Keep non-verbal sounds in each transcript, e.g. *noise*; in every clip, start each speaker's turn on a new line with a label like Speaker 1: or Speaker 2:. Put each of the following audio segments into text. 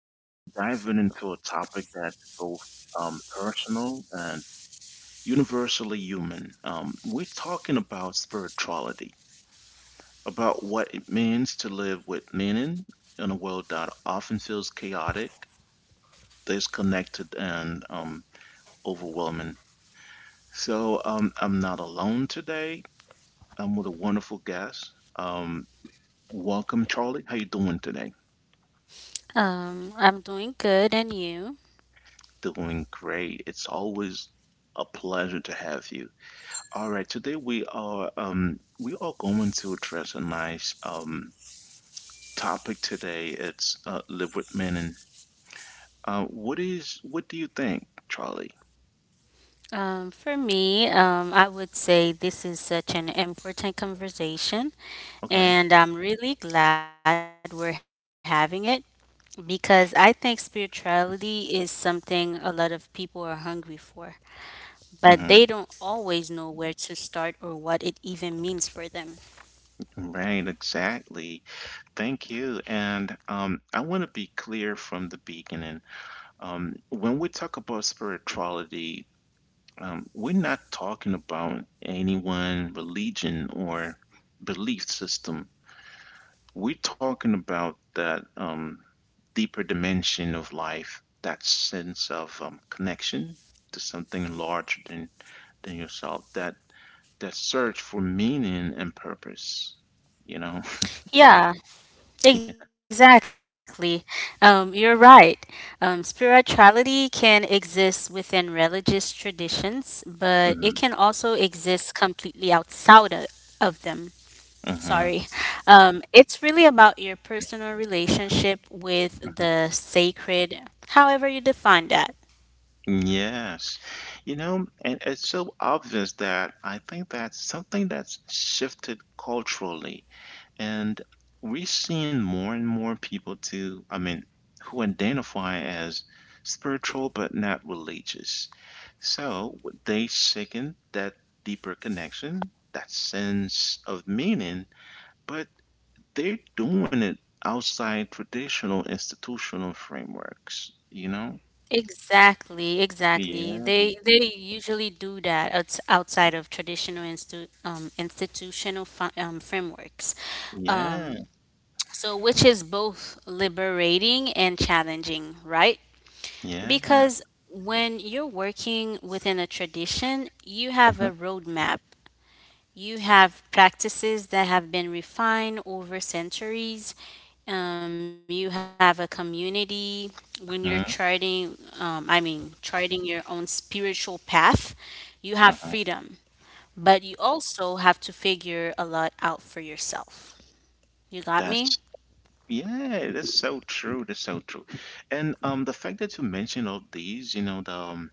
Speaker 1: Today we're diving into a topic that's both personal and universally human. We're talking about spirituality, about what it means to live with meaning in a world that often feels chaotic, disconnected, and overwhelming. So I'm not alone today. I'm with a wonderful guest. Um, Welcome, Charlie. How you doing today?
Speaker 2: I'm doing good, and you?
Speaker 1: Doing great. It's always a pleasure to have you. All right, today we are going to address a nice topic today. It's live with meaning. What do you think, Charlie?
Speaker 2: I would say this is such an important conversation,
Speaker 1: Okay.
Speaker 2: and I'm really glad we're having it because I think spirituality is something a lot of people are hungry for,
Speaker 1: Hmm.
Speaker 2: but they don't always know where to start or what it even means for them.
Speaker 1: Right, exactly. Thank you. And I want to be clear from the beginning. When we talk about spirituality, we're not talking about any one religion or belief system, we're talking about that deeper dimension of life, that sense of connection to something larger than yourself, that search for meaning and purpose you know
Speaker 2: Yeah,
Speaker 1: *laughs*
Speaker 2: exactly. You're right. Spirituality can exist within religious traditions, but
Speaker 1: hmm.
Speaker 2: it can also exist completely of them.
Speaker 1: Hmm.
Speaker 2: Sorry. It's really about your personal relationship with the sacred, however you define that.
Speaker 1: Yes. You know, and it's so obvious that I think that's something that's shifted culturally. And we've seen more and more people I mean, who identify as spiritual but not religious. So they sicken that deeper connection, that sense of meaning, but they're doing it outside traditional institutional frameworks, you know?
Speaker 2: Exactly, exactly.
Speaker 1: Yeah.
Speaker 2: They usually do that outside of traditional institutional frameworks. Um,
Speaker 1: Yeah.
Speaker 2: So, which is both liberating and challenging, right?
Speaker 1: Yeah.
Speaker 2: Because when you're working within a tradition, you have a
Speaker 1: Mhm,
Speaker 2: roadmap. You have practices that have been refined over centuries. You have a community when you're
Speaker 1: mhm,
Speaker 2: charting your own spiritual path. You have
Speaker 1: mhm.
Speaker 2: freedom, but you also have to figure a lot out for yourself. You
Speaker 1: That's
Speaker 2: got me?
Speaker 1: Yeah, that's so true. That's so true. And the fact that you mentioned all these, you know,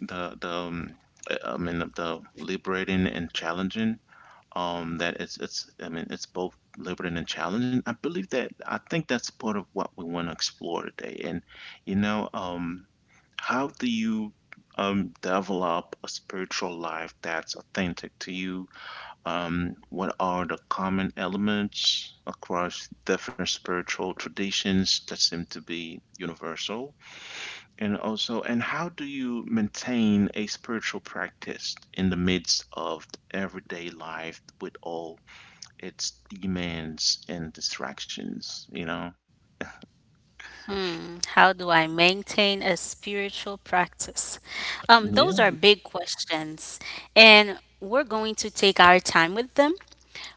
Speaker 1: the I mean the liberating and challenging. That it's I mean it's both liberating and challenging. I believe that. I think that's part of what we want to explore today. And you know, how do you develop a spiritual life that's authentic to you? What are the common elements across different spiritual traditions that seem to be universal? And also, and how do you maintain a spiritual practice in the midst of everyday life with all its demands and distractions, you know?
Speaker 2: Hmm, how do I maintain a spiritual practice? Those are
Speaker 1: Yeah.
Speaker 2: big questions, and we're going to take our time with them.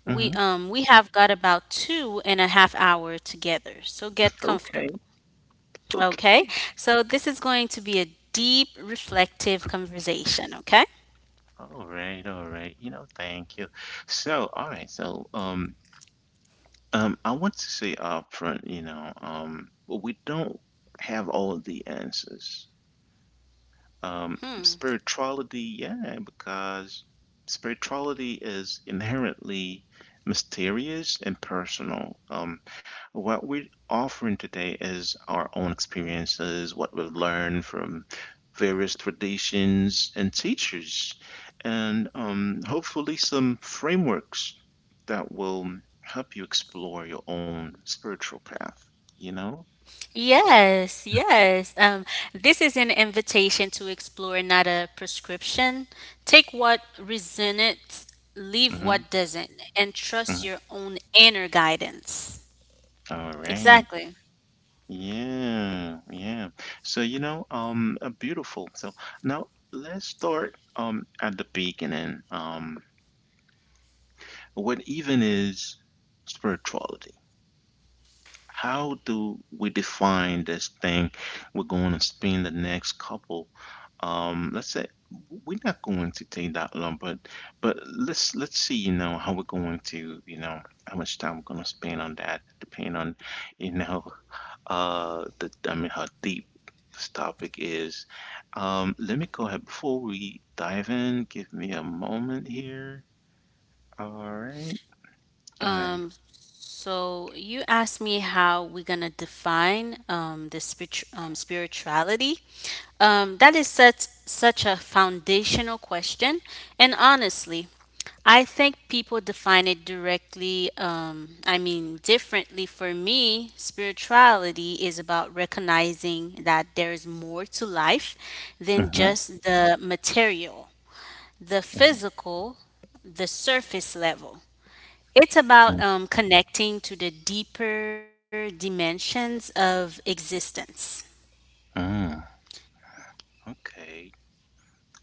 Speaker 2: We
Speaker 1: Hmm.
Speaker 2: um we have got about 2.5 hour together, so get
Speaker 1: Okay.
Speaker 2: comfortable. Okay,
Speaker 1: Okay.
Speaker 2: so this is going to be a deep, reflective conversation. Okay.
Speaker 1: All right. All right. You know, thank you. So, all right. So, I want to say upfront, you know, we don't have all of the answers. Spirituality, yeah, because spirituality is inherently mysterious and personal. What we're offering today is our own experiences, what we've learned from various traditions and teachers, and hopefully some frameworks that will help you explore your own spiritual path, you know?
Speaker 2: Yes, yes. This is an invitation to explore, not a prescription. Take what resonates, leave
Speaker 1: Mm-hmm.
Speaker 2: what doesn't, and trust
Speaker 1: Mm-hmm.
Speaker 2: your own inner guidance.
Speaker 1: All right.
Speaker 2: Exactly.
Speaker 1: Yeah, yeah. So, you know, beautiful. So now let's start at the beginning. What even is spirituality? How do we define this thing we're going to spend the next couple? Let's say we're not going to take that long, but let's see, you know, how we're going to, you know, how much time we're going to spend on that, depending on, you know, the I mean how deep this topic is. Let me go ahead before we dive in. Give me a moment here. All right. All right.
Speaker 2: Um, so you asked me how we're gonna define spirituality. That is such a foundational question, and honestly, I think people define it differently. For me, spirituality is about recognizing that there is more to life than
Speaker 1: Uh-huh.
Speaker 2: just the material, the
Speaker 1: Uh-huh,
Speaker 2: physical, the surface level. It's about connecting to the deeper dimensions of existence.
Speaker 1: uh-huh. Okay.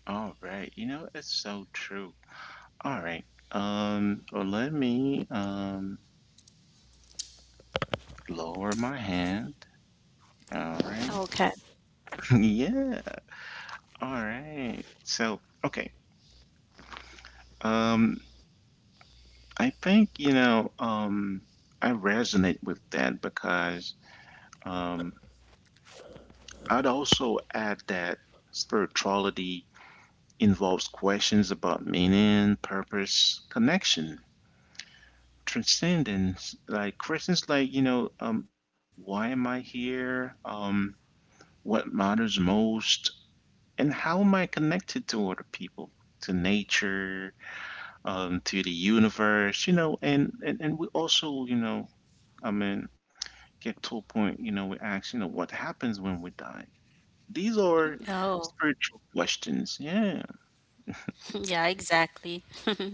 Speaker 1: All right. You know, it's so true. All right. Well, let me lower my hand. All right.
Speaker 2: Okay.
Speaker 1: *laughs* Yeah. All right. So, okay. Um, I think, you know, I resonate with that because um, I'd also add that spirituality involves questions about meaning, purpose, connection, transcendence. Like questions like, you know, why am I here? What matters most? And how am I connected to other people, to nature, to the universe, you know, and we also, you know, I mean, get to a point, you know, we ask, you know, what happens when we die? These are
Speaker 2: Oh,
Speaker 1: spiritual questions. Yeah.
Speaker 2: *laughs* yeah, exactly. *laughs*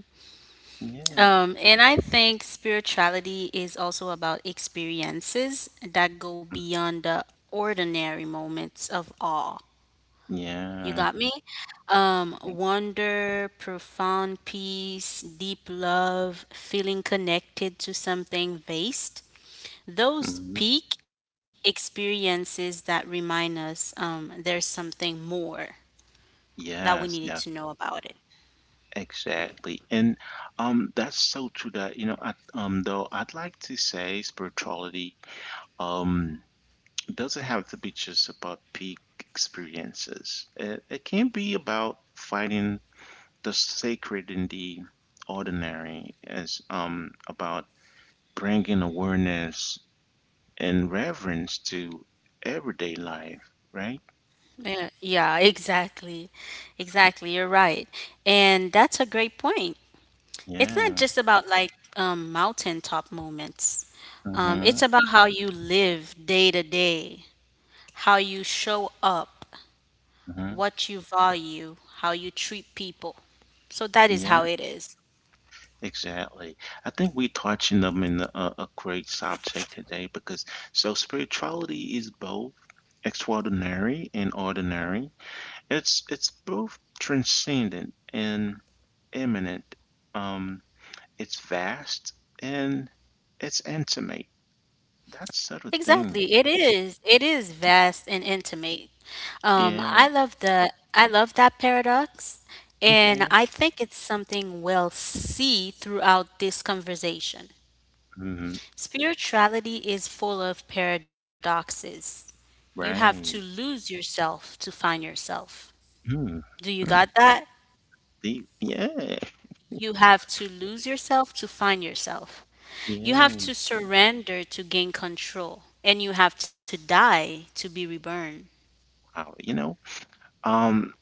Speaker 1: Yeah.
Speaker 2: And I think spirituality is also about experiences that go beyond the ordinary moments of awe. You
Speaker 1: Yeah.
Speaker 2: got me? Wonder, profound peace, deep love, feeling connected to something vast, those
Speaker 1: Hmm.
Speaker 2: peak experiences that remind us there's something more that we
Speaker 1: Yes,
Speaker 2: needed
Speaker 1: yeah,
Speaker 2: to know about it.
Speaker 1: exactly. And that's so true that you know I though I'd like to say spirituality um doesn't have to be just about peak experiences. It can be about finding the sacred in the ordinary, as about bringing awareness and reverence to everyday life, right?
Speaker 2: Yeah, yeah, exactly. Exactly. You're right. And that's a great point. It's not
Speaker 1: Yeah.
Speaker 2: just about mountaintop moments,
Speaker 1: Mm-hmm.
Speaker 2: it's about how you live day to day, how you show up,
Speaker 1: Mm-hmm.
Speaker 2: what you value, how you treat people. So that is
Speaker 1: Yeah,
Speaker 2: how it is.
Speaker 1: exactly. I think we touching them in a, a great subject today because so spirituality is both extraordinary and ordinary. It's both transcendent and imminent. Um, it's vast and it's intimate. That sort of thing.
Speaker 2: Exactly. It is. It is vast and intimate.
Speaker 1: Yeah.
Speaker 2: I love that paradox, and
Speaker 1: Okay.
Speaker 2: I think it's something we'll see throughout this conversation.
Speaker 1: Mm-hmm.
Speaker 2: Spirituality is full of paradoxes. You have to
Speaker 1: Right.
Speaker 2: lose yourself to find yourself.
Speaker 1: Mm,
Speaker 2: Do you
Speaker 1: mm,
Speaker 2: got
Speaker 1: that
Speaker 2: that?
Speaker 1: the yeah,
Speaker 2: You have to lose yourself to find yourself. You
Speaker 1: yeah.
Speaker 2: have to surrender to gain control, and you have to die to be reborn.
Speaker 1: Wow, you know, um,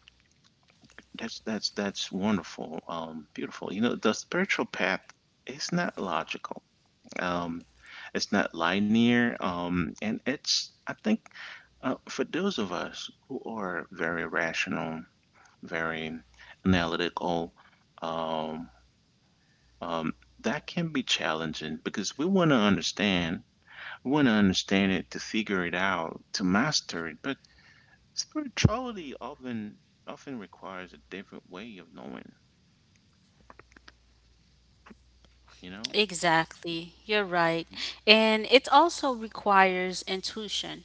Speaker 1: that's that's wonderful, beautiful. You know, the spiritual path is not logical. Um, it's not linear. And it's I think for those of us who are very rational, very analytical, um, um, that can be challenging because we want to understand it, to figure it out, to master it. But spirituality often requires a different way of knowing, you know?
Speaker 2: Exactly, you're right. And it also requires intuition,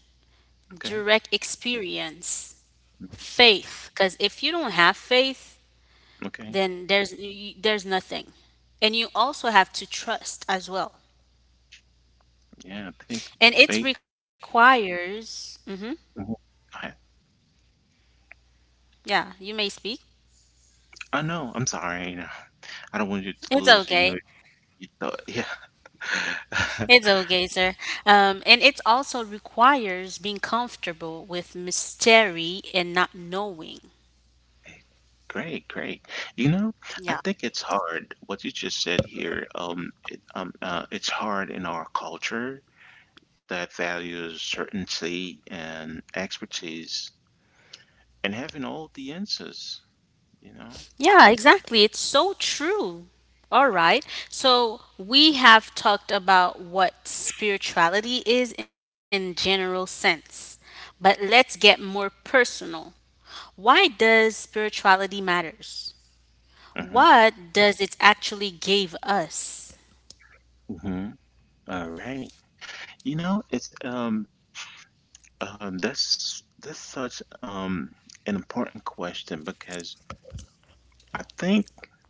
Speaker 1: Okay.
Speaker 2: direct experience,
Speaker 1: Mm.
Speaker 2: faith. Because if you don't have faith,
Speaker 1: Okay.
Speaker 2: then there's nothing. And you also have to trust as well.
Speaker 1: Yeah, I think
Speaker 2: And it
Speaker 1: faith.
Speaker 2: requires.
Speaker 1: Mhm. Go ahead.
Speaker 2: Yeah, you may speak.
Speaker 1: I know. I'm sorry. You know, I don't want you
Speaker 2: It's
Speaker 1: to lose, you
Speaker 2: okay.
Speaker 1: know, you thought. Yeah. *laughs*
Speaker 2: It's okay, sir. And it also requires being comfortable with mystery and not knowing.
Speaker 1: Great, great. You know, I
Speaker 2: Yeah.
Speaker 1: think it's hard. What you just said here, it's hard in our culture that values certainty and expertise and having all the answers, you know?
Speaker 2: Yeah, exactly. It's so true. All right. So we have talked about what spirituality is in general sense, but let's get more personal. Why does spirituality matters?
Speaker 1: Mm-hmm.
Speaker 2: What does it actually give us?
Speaker 1: Mm-hmm. All right. You know, it's that's such an important question because I think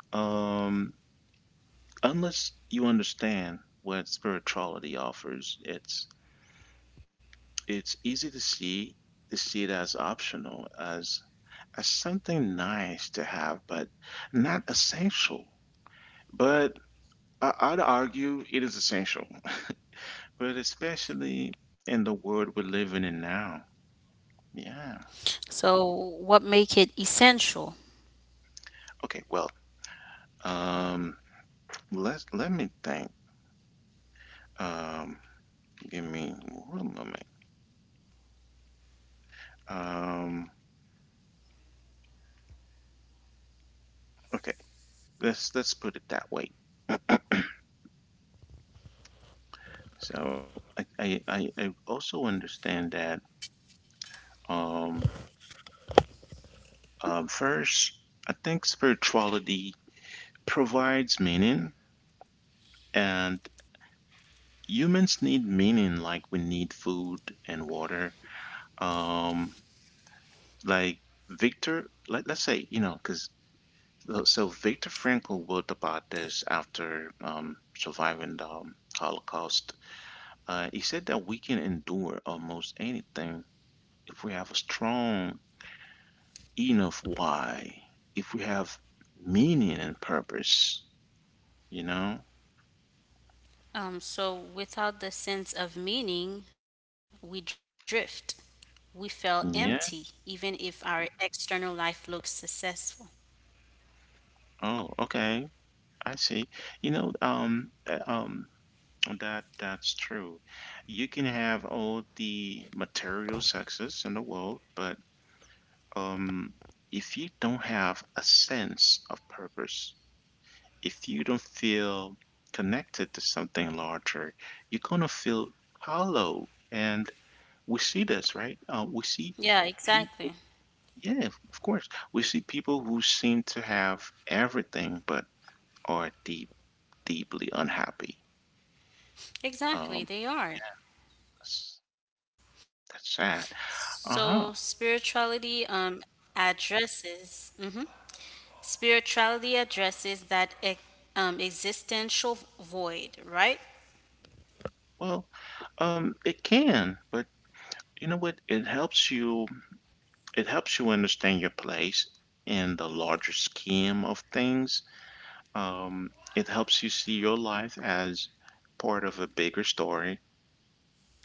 Speaker 1: um unless you understand what spirituality offers, it's easy to see it as optional, as something nice to have, but not essential. But I'd argue it is essential, *laughs* but especially in the world we're living in now. Yeah.
Speaker 2: So what make it essential?
Speaker 1: Okay, well, Um, let's let me think. Um, Give me one moment. Um, okay, let's put it that way. So I also understand that um, first I think spirituality provides meaning, and humans need meaning like we need food and water. Um, like Victor, let, let's say, you know, because So, so Viktor Frankl wrote about this after surviving the Holocaust. He said that we can endure almost anything if we have a strong enough why, if we have meaning and purpose, you know?
Speaker 2: So without the sense of meaning, we drift. We feel empty, even
Speaker 1: Yeah.
Speaker 2: if our external life looks successful.
Speaker 1: Oh, okay. I see. You know, that that's true. You can have all the material success in the world, but um, if you don't have a sense of purpose, if you don't feel connected to something larger, you're gonna feel hollow. And we see this, right? We see
Speaker 2: Yeah,
Speaker 1: people,
Speaker 2: exactly.
Speaker 1: yeah, of course, we see people who seem to have everything but are deep, deeply unhappy. Um,
Speaker 2: Exactly, they are.
Speaker 1: yes, that's
Speaker 2: So
Speaker 1: sad.
Speaker 2: spirituality
Speaker 1: Uh-huh.
Speaker 2: addresses mhm. Spirituality addresses that existential void, right?
Speaker 1: Well, it can, but you know what? It helps you understand your place in the larger scheme of things. It helps you see your life as part of a bigger story,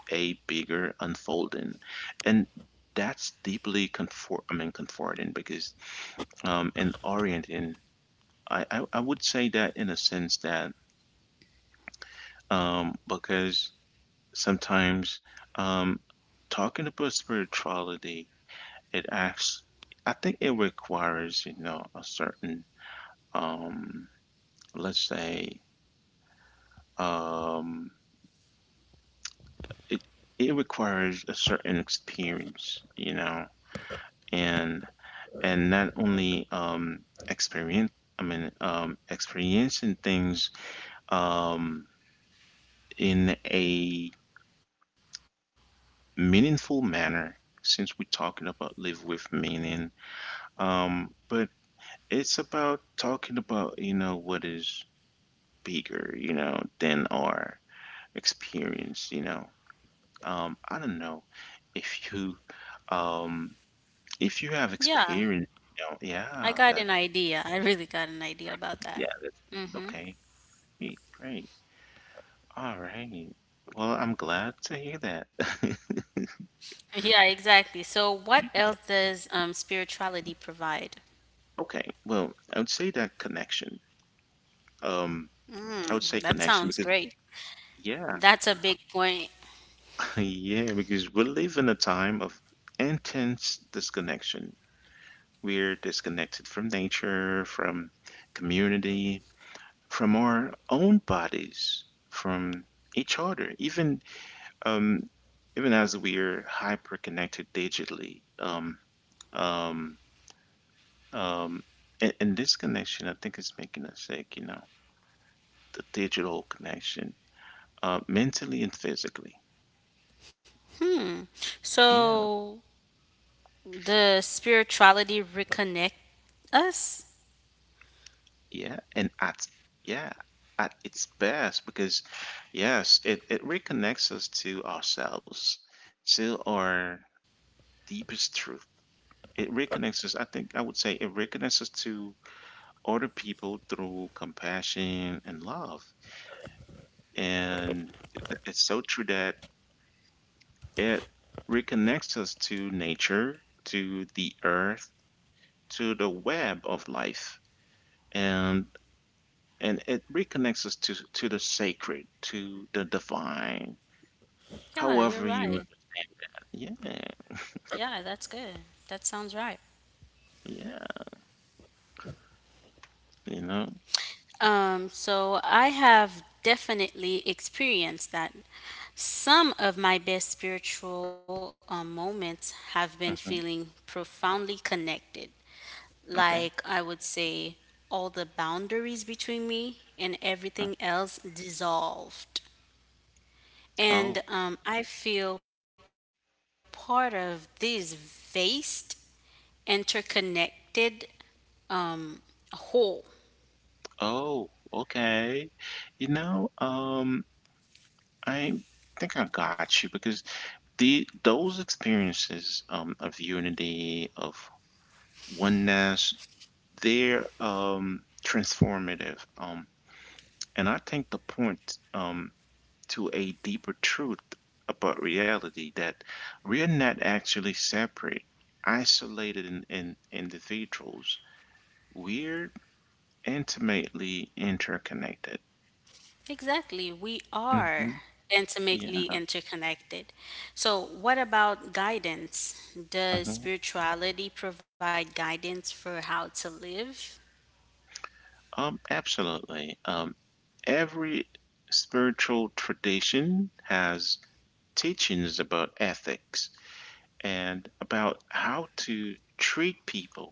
Speaker 1: a bigger unfolding, and that's deeply comfort. I mean, comforting because in orienting, I would say that in a sense that because sometimes um, talking about spirituality, it acts. I think it requires, you know, a certain um, let's say um, it requires a certain experience, you know, and and not only experience, I mean, experiencing things um, in a meaningful manner. Since we're talking about live with meaning, but it's about talking about you know what is bigger, you know, than our experience, you know. I don't know if you um if you have
Speaker 2: Yeah,
Speaker 1: experience, you know. Yeah,
Speaker 2: I
Speaker 1: that
Speaker 2: got an idea. I really got an idea about
Speaker 1: yeah,
Speaker 2: that.
Speaker 1: that's okay. Great, great. All right, well I'm glad to hear that. *laughs*
Speaker 2: Yeah, exactly. So what else does spirituality provide?
Speaker 1: okay, well I would say that connection, um I would
Speaker 2: Mm,
Speaker 1: say
Speaker 2: that
Speaker 1: connection
Speaker 2: sounds
Speaker 1: because
Speaker 2: great.
Speaker 1: yeah.
Speaker 2: That's a big point.
Speaker 1: *laughs* yeah, because we live in a time of intense disconnection. We're disconnected from nature, from community, from our own bodies, from each other, even um, even as we are hyper connected digitally. Um, um, and this connection, I think, is making us sick. You know, the digital connection, mentally and physically.
Speaker 2: Hmm.
Speaker 1: Yeah,
Speaker 2: So the spirituality reconnect us.
Speaker 1: yeah, and at yeah, at its best because yes, it reconnects us to ourselves, to our deepest truth. It reconnects us, I think I would say it reconnects us to other people through compassion and love. And it- it's so true that it reconnects us to nature, to the earth, to the web of life. and and it reconnects us to the sacred, to the divine,
Speaker 2: Yeah, you're
Speaker 1: however you
Speaker 2: right.
Speaker 1: yeah
Speaker 2: Yeah, that's good. That sounds right.
Speaker 1: yeah you know.
Speaker 2: So I have definitely experienced that. Some of my best spiritual moments have been feeling
Speaker 1: Hmm,
Speaker 2: profoundly connected. Like
Speaker 1: okay.
Speaker 2: I would say, all the boundaries between me and everything
Speaker 1: Mhm.
Speaker 2: else dissolved. And
Speaker 1: Oh.
Speaker 2: I feel part of this vast interconnected um, whole.
Speaker 1: Oh, okay. You know, I think I got you because the those experiences of unity of oneness, they're transformative, and I think the point to a deeper truth about reality that we're not actually separate, isolated in individuals. We're intimately interconnected.
Speaker 2: Exactly, we are
Speaker 1: Hmm. Yeah.
Speaker 2: intimately interconnected. So, what about guidance? Does
Speaker 1: Hmm.
Speaker 2: spirituality provide guidance for how to live?
Speaker 1: Absolutely. Every spiritual tradition has teachings about ethics and about how to treat people,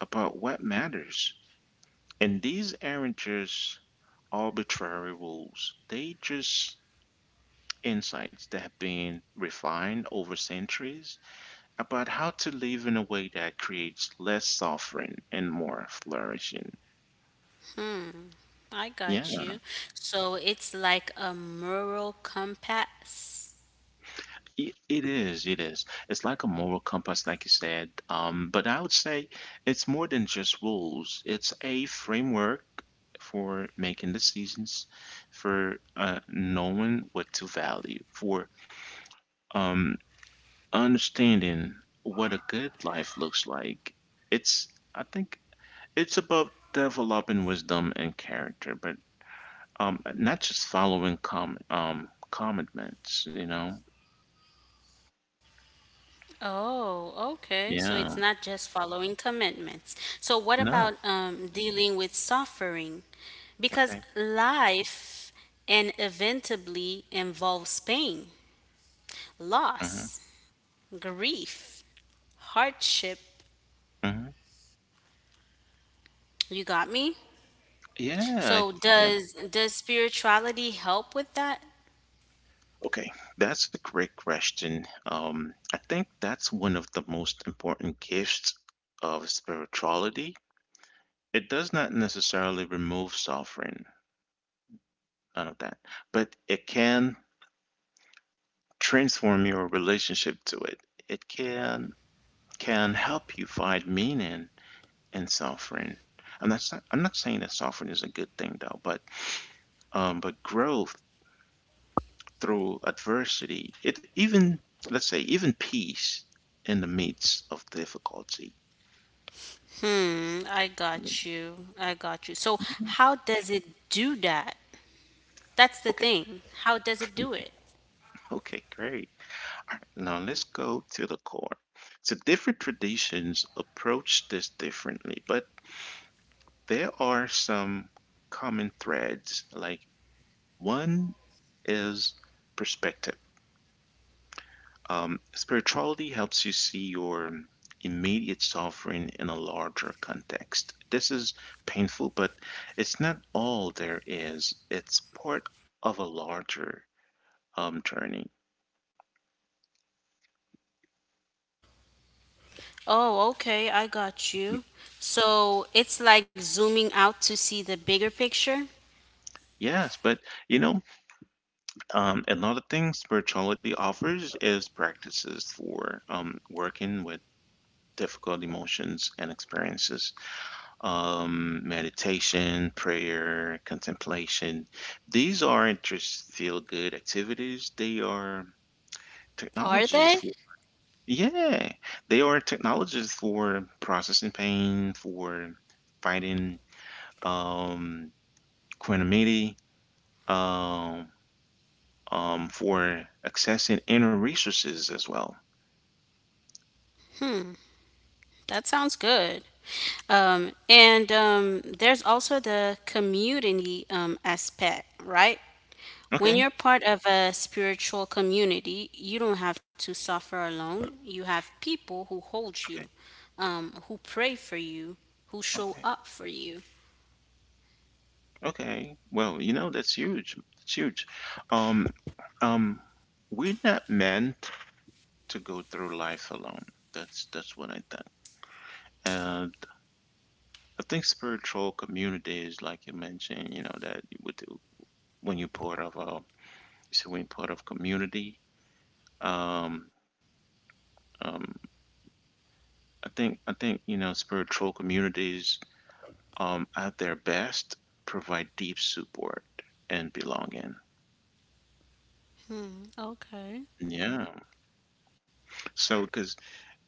Speaker 1: about what matters. And these aren't just arbitrary rules, they just insights that have been refined over centuries about how to live in a way that creates less suffering and more flourishing.
Speaker 2: I
Speaker 1: Yeah.
Speaker 2: got you. So, it's like a moral compass.
Speaker 1: It, it is. It's like a moral compass, like you said. But I would say it's more than just rules. It's a framework for making decisions, for knowing what to value, for um, understanding what a good life looks like. It's, I think, it's about developing wisdom and character, but not just following commandments,
Speaker 2: Oh, okay. So it's not
Speaker 1: Yeah.
Speaker 2: just following commitments. So what about
Speaker 1: No.
Speaker 2: dealing with suffering? Because
Speaker 1: Okay.
Speaker 2: life inevitably involves pain,
Speaker 1: Mm-hmm.
Speaker 2: loss, grief, hardship.
Speaker 1: Mhm.
Speaker 2: You got me?
Speaker 1: Yeah, I
Speaker 2: So
Speaker 1: yeah.
Speaker 2: does spirituality help with that?
Speaker 1: Okay, that's a great question. I think that's one of the most important gifts of spirituality. It does not necessarily remove suffering, none of that, but it can transform your relationship to it. It can help you find meaning in suffering. And that's not, I'm not saying that suffering is a good thing though, but growth through adversity, it even, let's say, even peace in the midst of difficulty.
Speaker 2: Hmm, I got you. I got you. So
Speaker 1: Yeah.
Speaker 2: how does it do that? That's the
Speaker 1: Okay,
Speaker 2: thing. How does it do it?
Speaker 1: okay, great. All right, now let's go to the core. So, different traditions approach this differently, but there are some common threads. Like, one is perspective. Spirituality helps you see your immediate suffering in a larger context. This is painful, but it's not all there is. It's part of a larger journey.
Speaker 2: Oh, okay, I got you. So it's like zooming out to see the bigger picture.
Speaker 1: Yes, but you know, another thing spirituality offers is practices for working with difficult emotions and experiences. Meditation, prayer, contemplation. These aren't just feel good activities, they are
Speaker 2: Are
Speaker 1: technologies.
Speaker 2: they?
Speaker 1: For, yeah, they are technologies for processing pain, for fighting um, quantumity, um, for accessing inner resources as well.
Speaker 2: That sounds good. And there's also the community aspect, right? When
Speaker 1: Okay,
Speaker 2: you're part of a spiritual community, you don't have to suffer alone. You have people who hold you,
Speaker 1: okay,
Speaker 2: who pray for you, who show
Speaker 1: okay,
Speaker 2: up for you.
Speaker 1: okay. Well, you know, that's huge. That's huge. Um, um, we're not meant to go through life alone. That's what I think. And I think spiritual communities, like you mentioned, you know, that you would do when you're part of a so when you're part of community. Um, um, I think you know spiritual communities at their best provide deep support and belonging.
Speaker 2: Okay.
Speaker 1: Yeah. So, because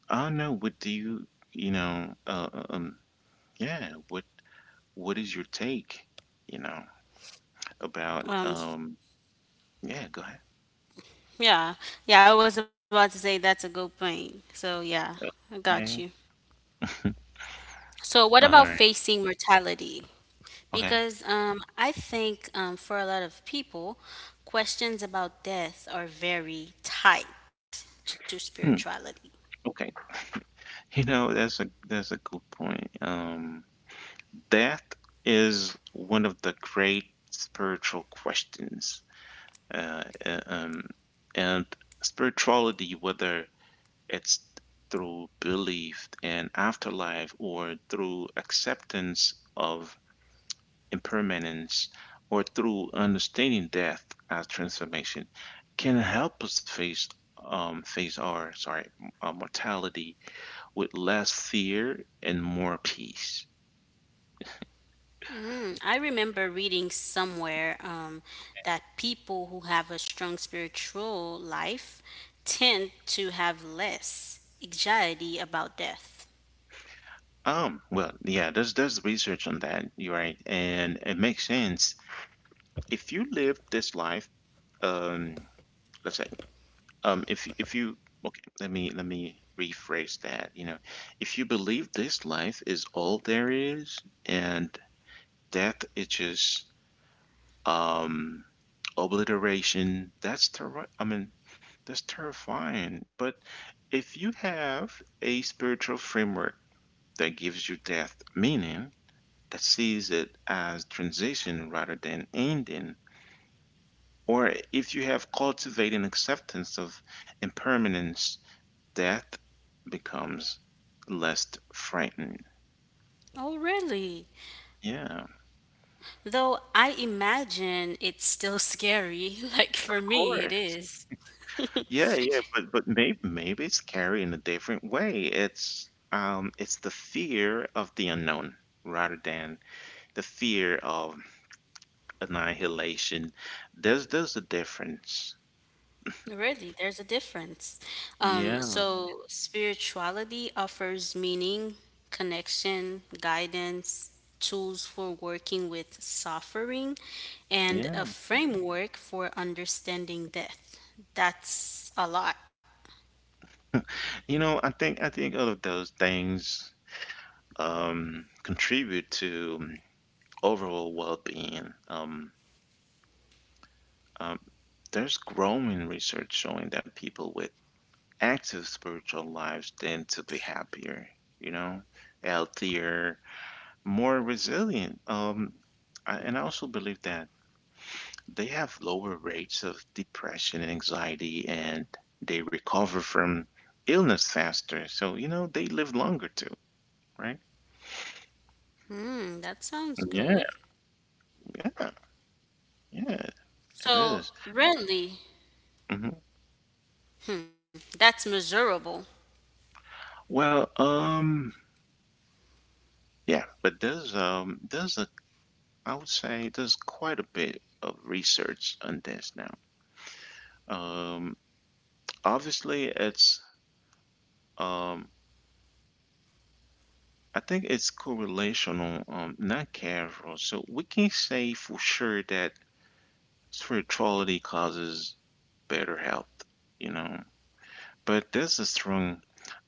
Speaker 1: I don't know, what do you you know? Yeah. What what is your take? You know about
Speaker 2: Um,
Speaker 1: Yeah, go ahead.
Speaker 2: Yeah. Yeah, I was about to say that's a good point. So, yeah, I got you.
Speaker 1: Okay. *laughs*
Speaker 2: So, what
Speaker 1: All
Speaker 2: about
Speaker 1: right.
Speaker 2: facing mortality?
Speaker 1: Okay.
Speaker 2: Because I think for a lot of people, questions about death are very tied to
Speaker 1: Hmm.
Speaker 2: spirituality.
Speaker 1: Okay. You know, that's a good point. Death is one of the great spiritual questions. Uh, uh, um, and spirituality, whether it's through belief in afterlife or through acceptance of impermanence, or through understanding death as transformation, can help us face face our sorry mortality with less fear and more peace.
Speaker 2: Mm, I remember reading somewhere that people who have a strong spiritual life tend to have less anxiety about death.
Speaker 1: Yeah, there's research on that. You're right, and it makes sense. If you live this life, um, let's say, if you okay, let me rephrase that. You know, if you believe this life is all there is, and death is just um, obliteration. I mean, that's terrifying. But if you have a spiritual framework that gives you death meaning, that sees it as transition rather than ending, or if you have cultivating acceptance of impermanence, death becomes less frightening.
Speaker 2: Oh, really?
Speaker 1: Yeah, of
Speaker 2: Though I imagine it's still scary, *laughs* like for me, it
Speaker 1: course.
Speaker 2: is. *laughs*
Speaker 1: Yeah, yeah, but but maybe it's scary in a different way. It's the fear of the unknown rather than the fear of annihilation. There's a difference.
Speaker 2: Really, there's a difference.
Speaker 1: Yeah,
Speaker 2: So, spirituality offers meaning, connection, guidance, tools for working with suffering, and
Speaker 1: yeah.
Speaker 2: a framework for understanding death. That's a lot.
Speaker 1: You know, I think all of those things contribute to overall well-being. Um, there's growing research showing that people with active spiritual lives tend to be happier, you know, healthier, more resilient. And I also believe that they have lower rates of depression and anxiety, and they recover from illness faster. So, you know, they live longer too, right?
Speaker 2: Hmm, that sounds
Speaker 1: Yeah,
Speaker 2: good.
Speaker 1: yeah, yeah, it is.
Speaker 2: So, really,
Speaker 1: Mhm.
Speaker 2: that's measurable.
Speaker 1: Well, um, yeah, but there's a I would say there's quite a bit of research on this now. Um, Obviously it's um I think it's correlational, not causal. So we can say for sure that spirituality causes better health, you know. But there's a strong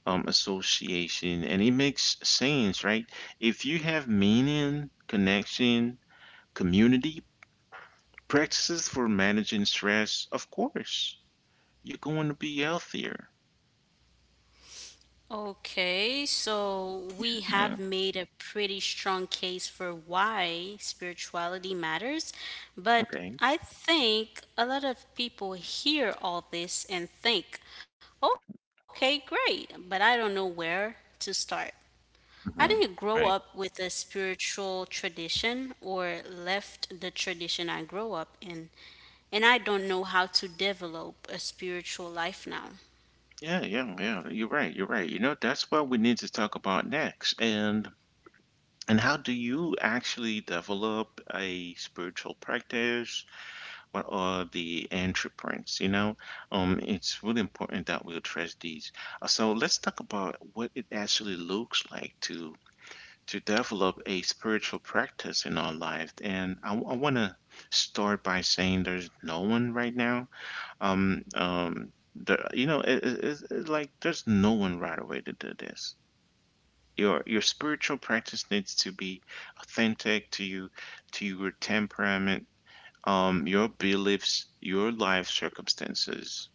Speaker 1: association, and it makes sense, right? If you have meaning, connection, community, practices for managing stress, of course, you're going to be healthier.
Speaker 2: Okay, so we
Speaker 1: Yeah,
Speaker 2: have made a pretty strong case for why spirituality matters, but
Speaker 1: okay.
Speaker 2: I think a lot of people hear all this and think, okay, great, but I don't know where to start. I didn't
Speaker 1: Hmm.
Speaker 2: grow up
Speaker 1: Right.
Speaker 2: with a spiritual tradition or left the tradition I grew up in, and I don't know how to develop a spiritual life now.
Speaker 1: Yeah, yeah, yeah. You're right. You're right. You know, that's what we need to talk about next. And how do you actually develop a spiritual practice? What are the entry points? It's really important that we address these. So let's talk about what it actually looks like to develop a spiritual practice in our life. And I want to start by saying there's no one right now the you know, it, it's like there's no one right away to do this. Your spiritual practice needs to be authentic to you, to your temperament, your beliefs, your life circumstances.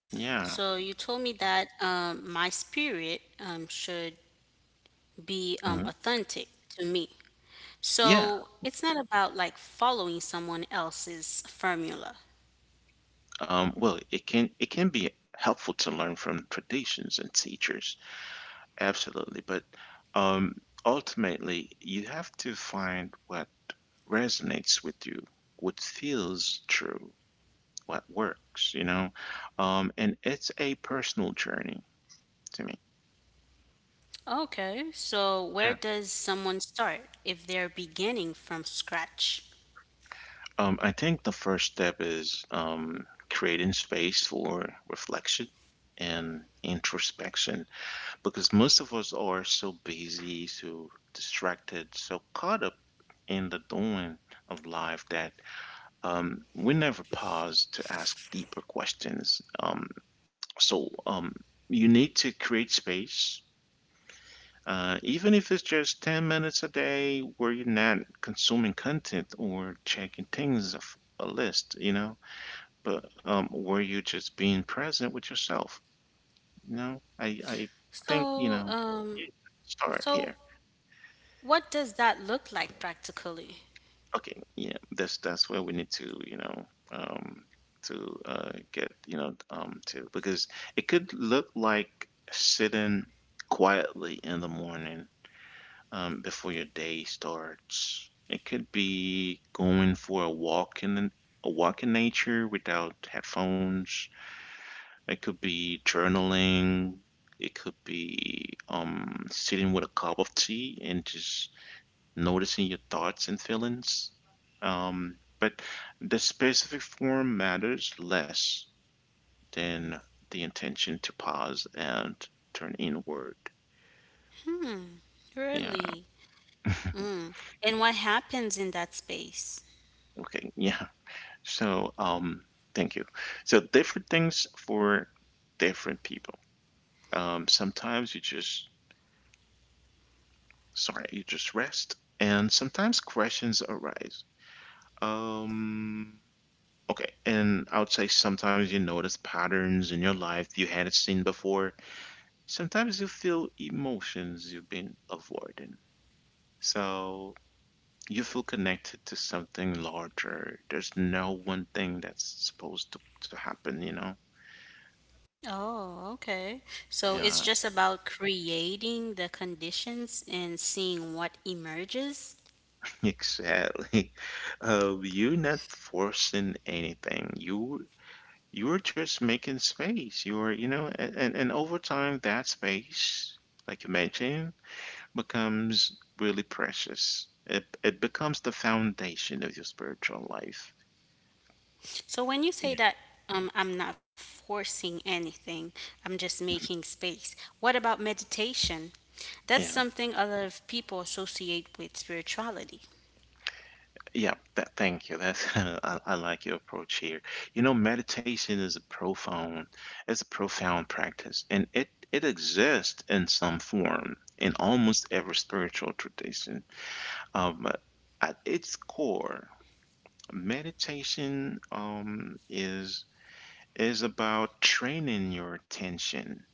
Speaker 2: So you
Speaker 1: Yeah.
Speaker 2: told me that my spirit should be
Speaker 1: Mhm.
Speaker 2: authentic to me.
Speaker 1: Yeah.
Speaker 2: So it's not about like following someone else's formula.
Speaker 1: It can be helpful to learn from traditions and teachers, absolutely. But um, ultimately, you have to find what resonates with you, what feels true. What works, you know? And it's a personal journey to me.
Speaker 2: Okay, so where
Speaker 1: Yeah.
Speaker 2: does someone start if they're beginning from scratch?
Speaker 1: I think the first step is creating space for reflection and introspection because most of us are so busy, so distracted, so caught up in the doing of life that we never pause to ask deeper questions. So um, you need to create space. Even if it's just 10 minutes a day where you're not consuming content or checking things off a list, you know, but where you're just being present with yourself, you know, I think, you
Speaker 2: So,
Speaker 1: know,
Speaker 2: um,
Speaker 1: it- start
Speaker 2: so
Speaker 1: here.
Speaker 2: what does that look like practically?
Speaker 1: Okay, yeah, that's where we need to, you know, um, to get, you know, to because it could look like sitting quietly in the morning before your day starts. It could be going for a walk in the, a walk in nature without headphones. It could be journaling. It could be sitting with a cup of tea and just noticing your thoughts and feelings. But the specific form matters less than the intention to pause and turn inward. Yeah.
Speaker 2: Really?
Speaker 1: *laughs*
Speaker 2: Mm. And what happens in that space?
Speaker 1: Okay. Yeah. So, thank you. So, different things for different people. Sometimes you just, sorry, you just rest, and sometimes questions arise. Um, okay, and I would say sometimes you notice patterns in your life you hadn't seen before. Sometimes you feel emotions you've been avoiding. So, you feel connected to something larger. There's no one thing that's supposed to happen, you know?
Speaker 2: Oh, okay. So it's
Speaker 1: Yeah,
Speaker 2: just about creating the conditions and seeing what emerges.
Speaker 1: exactly. *laughs* You're not forcing anything. You're just making space. You're, you know, and over time that space, like you mentioned, becomes really precious. It becomes the foundation of your spiritual life.
Speaker 2: So when you
Speaker 1: Yeah.
Speaker 2: say that I'm not forcing anything, I'm just
Speaker 1: Mm-hmm.
Speaker 2: making space. What about meditation? That's
Speaker 1: Yeah.
Speaker 2: something a lot of people associate with spirituality.
Speaker 1: Yeah, that, thank you. That's *laughs* I like your approach here. You know, meditation is a profound, it's a profound practice, and it exists in some form in almost every spiritual tradition. But at its core, meditation is about training your attention,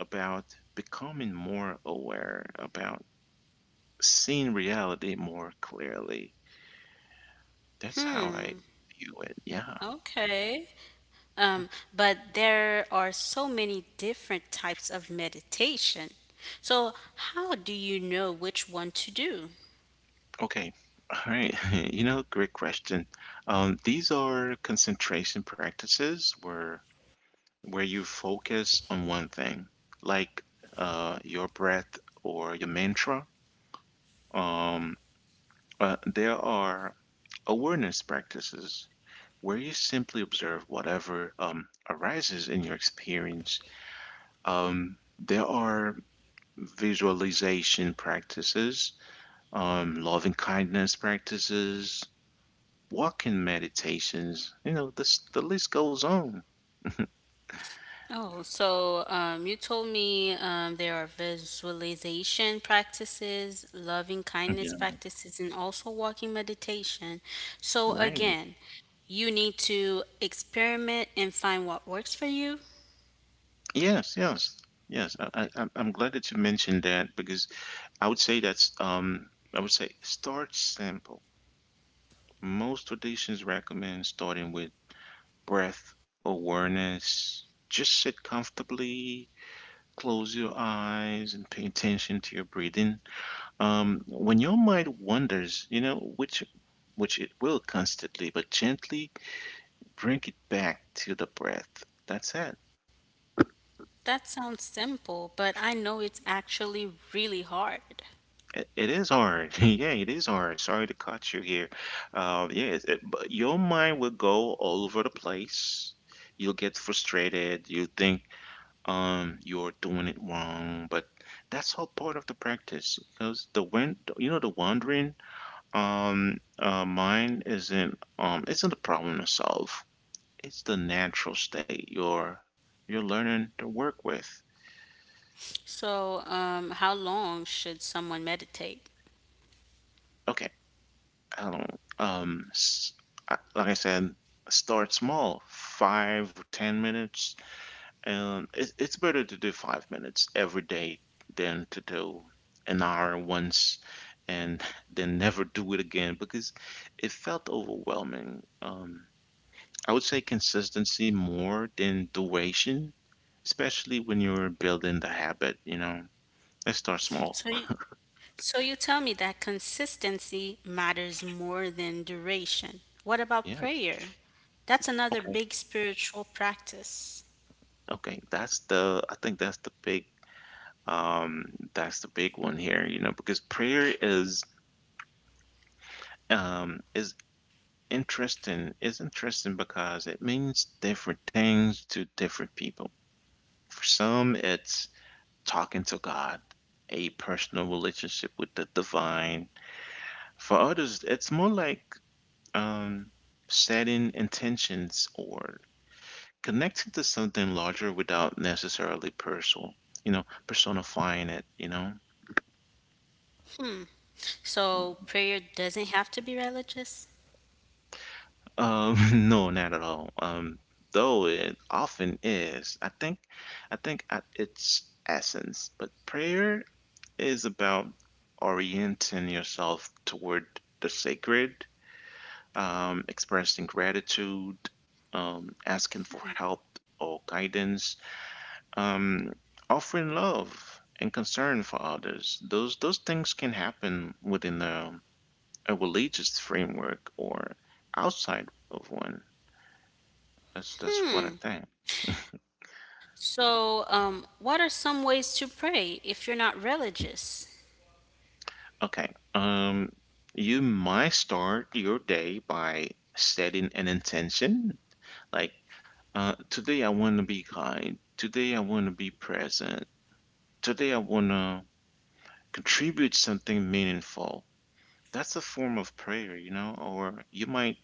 Speaker 1: about becoming more aware, about seeing reality more clearly. That's how I
Speaker 2: Hmm,
Speaker 1: view it. Yeah.
Speaker 2: okay. Um, but there are so many different types of meditation. So, how do you know which one to do?
Speaker 1: Okay. All right. *laughs* You know, great question. These are concentration practices where you focus on one thing, like your breath or your mantra. Um, there are awareness practices where you simply observe whatever arises in your experience. There are visualization practices, loving kindness practices, walking meditations, you know, this the list goes on.
Speaker 2: Oh, so you told me there are visualization practices, loving kindness
Speaker 1: Yeah,
Speaker 2: practices, and also walking meditation. So,
Speaker 1: right.
Speaker 2: again, you need to experiment and find what works for you.
Speaker 1: Yes, yes, yes. I'm glad that you mentioned that because I would say that's um I would say start simple. Most traditions recommend starting with breath awareness. Just sit comfortably, close your eyes, and pay attention to your breathing. When your mind wanders, you know, which it will constantly, but gently bring it back to the breath. That's it.
Speaker 2: That sounds simple, but I know it's actually really hard.
Speaker 1: It is hard. *laughs* Yeah, it is hard. Sorry to cut you here. But your mind will go all over the place. You'll get frustrated. You think you're doing it wrong, but that's all part of the practice because the when you know the wandering mind isn't a problem to solve. It's the natural state you're learning to work with.
Speaker 2: So, how long should someone meditate?
Speaker 1: Okay. I don't, s- I- like I said, start small, five or 10 minutes. And it's better to do 5 minutes every day than to do an hour once and *laughs* then never do it again because it felt overwhelming. I would say consistency more than duration, especially when you're building the habit, you know. Let's start small.
Speaker 2: So, you,
Speaker 1: *laughs*
Speaker 2: So you tell me that consistency matters more than duration. What about
Speaker 1: Yeah.
Speaker 2: prayer? That's another
Speaker 1: Okay.
Speaker 2: big spiritual practice.
Speaker 1: Okay. That's the, I think that's the big um one here, you know, because prayer is um is interesting. It's interesting because it means different things to different people. For some it's talking to God, a personal relationship with the divine. For others it's more like, um setting intentions or connecting to something larger without necessarily personal, you know, personifying it.
Speaker 2: So prayer doesn't have to be religious?
Speaker 1: *laughs* No, not at all. Though it often is. I think at its essence, but prayer is about orienting yourself toward the sacred, expressing gratitude, asking for help or guidance, um, offering love and concern for others. Those things can happen within a religious framework or outside of one. That's what I
Speaker 2: Hmm.
Speaker 1: think.
Speaker 2: So, what are some ways to pray if you're not religious?
Speaker 1: Okay. You might start your day by setting an intention. Like, today I want to be kind. Today I want to be present. Today I want to contribute something meaningful. That's a form of prayer, you know. Or you might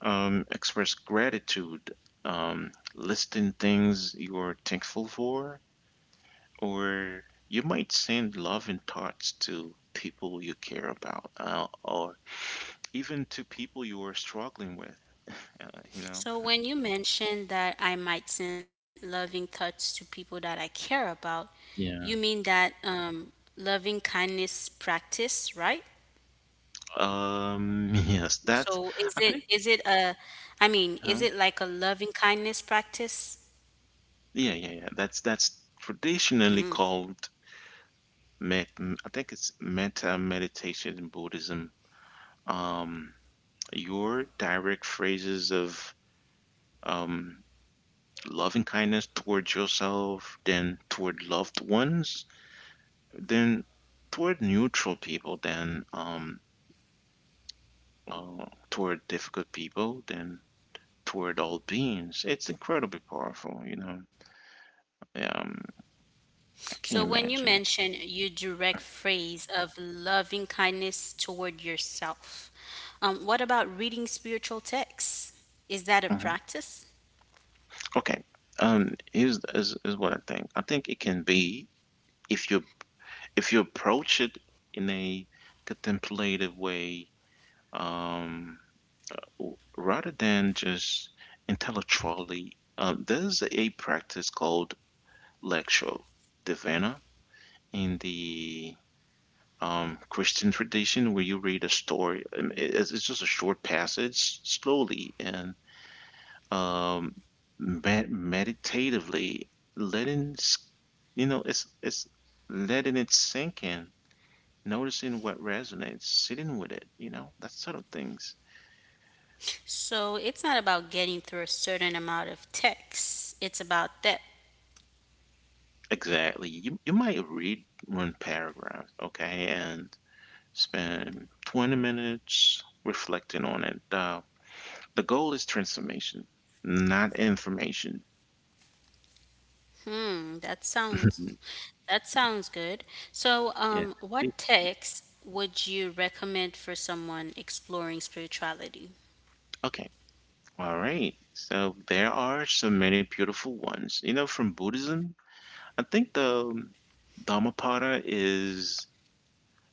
Speaker 1: express gratitude, listing things you are thankful for, or you might send love and thoughts to people you care about, or even to people you are struggling with, uh, you know.
Speaker 2: So, when you mentioned that I might send loving thoughts to people that I care about, you
Speaker 1: Yeah.
Speaker 2: mean that loving kindness practice, right?
Speaker 1: *laughs* Yes, that's
Speaker 2: So is
Speaker 1: I
Speaker 2: it
Speaker 1: think
Speaker 2: is it a is
Speaker 1: Huh?
Speaker 2: it like a loving kindness practice?
Speaker 1: Yeah, yeah, yeah, that's traditionally called met m- I think it's metta meditation in Buddhism. um your direct phrases of um loving kindness towards yourself, then toward loved ones, then toward neutral people, then toward difficult people, then toward all beings. It's incredibly powerful, you know.
Speaker 2: So
Speaker 1: Um,
Speaker 2: when you mention your
Speaker 1: I can't
Speaker 2: direct
Speaker 1: imagine it.
Speaker 2: phrase of loving kindness toward yourself, what about reading spiritual texts? Is that a practice?
Speaker 1: Hmm. Okay. Here's is what I think. I think it can be if you, if you approach it in a contemplative way, um, rather than just intellectually. There's a practice called lectio divina in the Christian tradition where you read a story. It's just a short passage, slowly and um, meditatively, letting s- you know it's letting it sink in, noticing what resonates, sitting with it. You know, that sort of things.
Speaker 2: So it's not about getting through a certain amount of texts. It's about that.
Speaker 1: Exactly. You might read one paragraph, okay, and spend 20 minutes reflecting on it. The goal is transformation, not information.
Speaker 2: Hmm, that
Speaker 1: *laughs*
Speaker 2: sounds that sounds good. So,
Speaker 1: Yeah. See?
Speaker 2: what texts would you recommend for someone exploring spirituality?
Speaker 1: Okay. All right. So there are so many beautiful ones. You know, from Buddhism, I think the Dhammapada is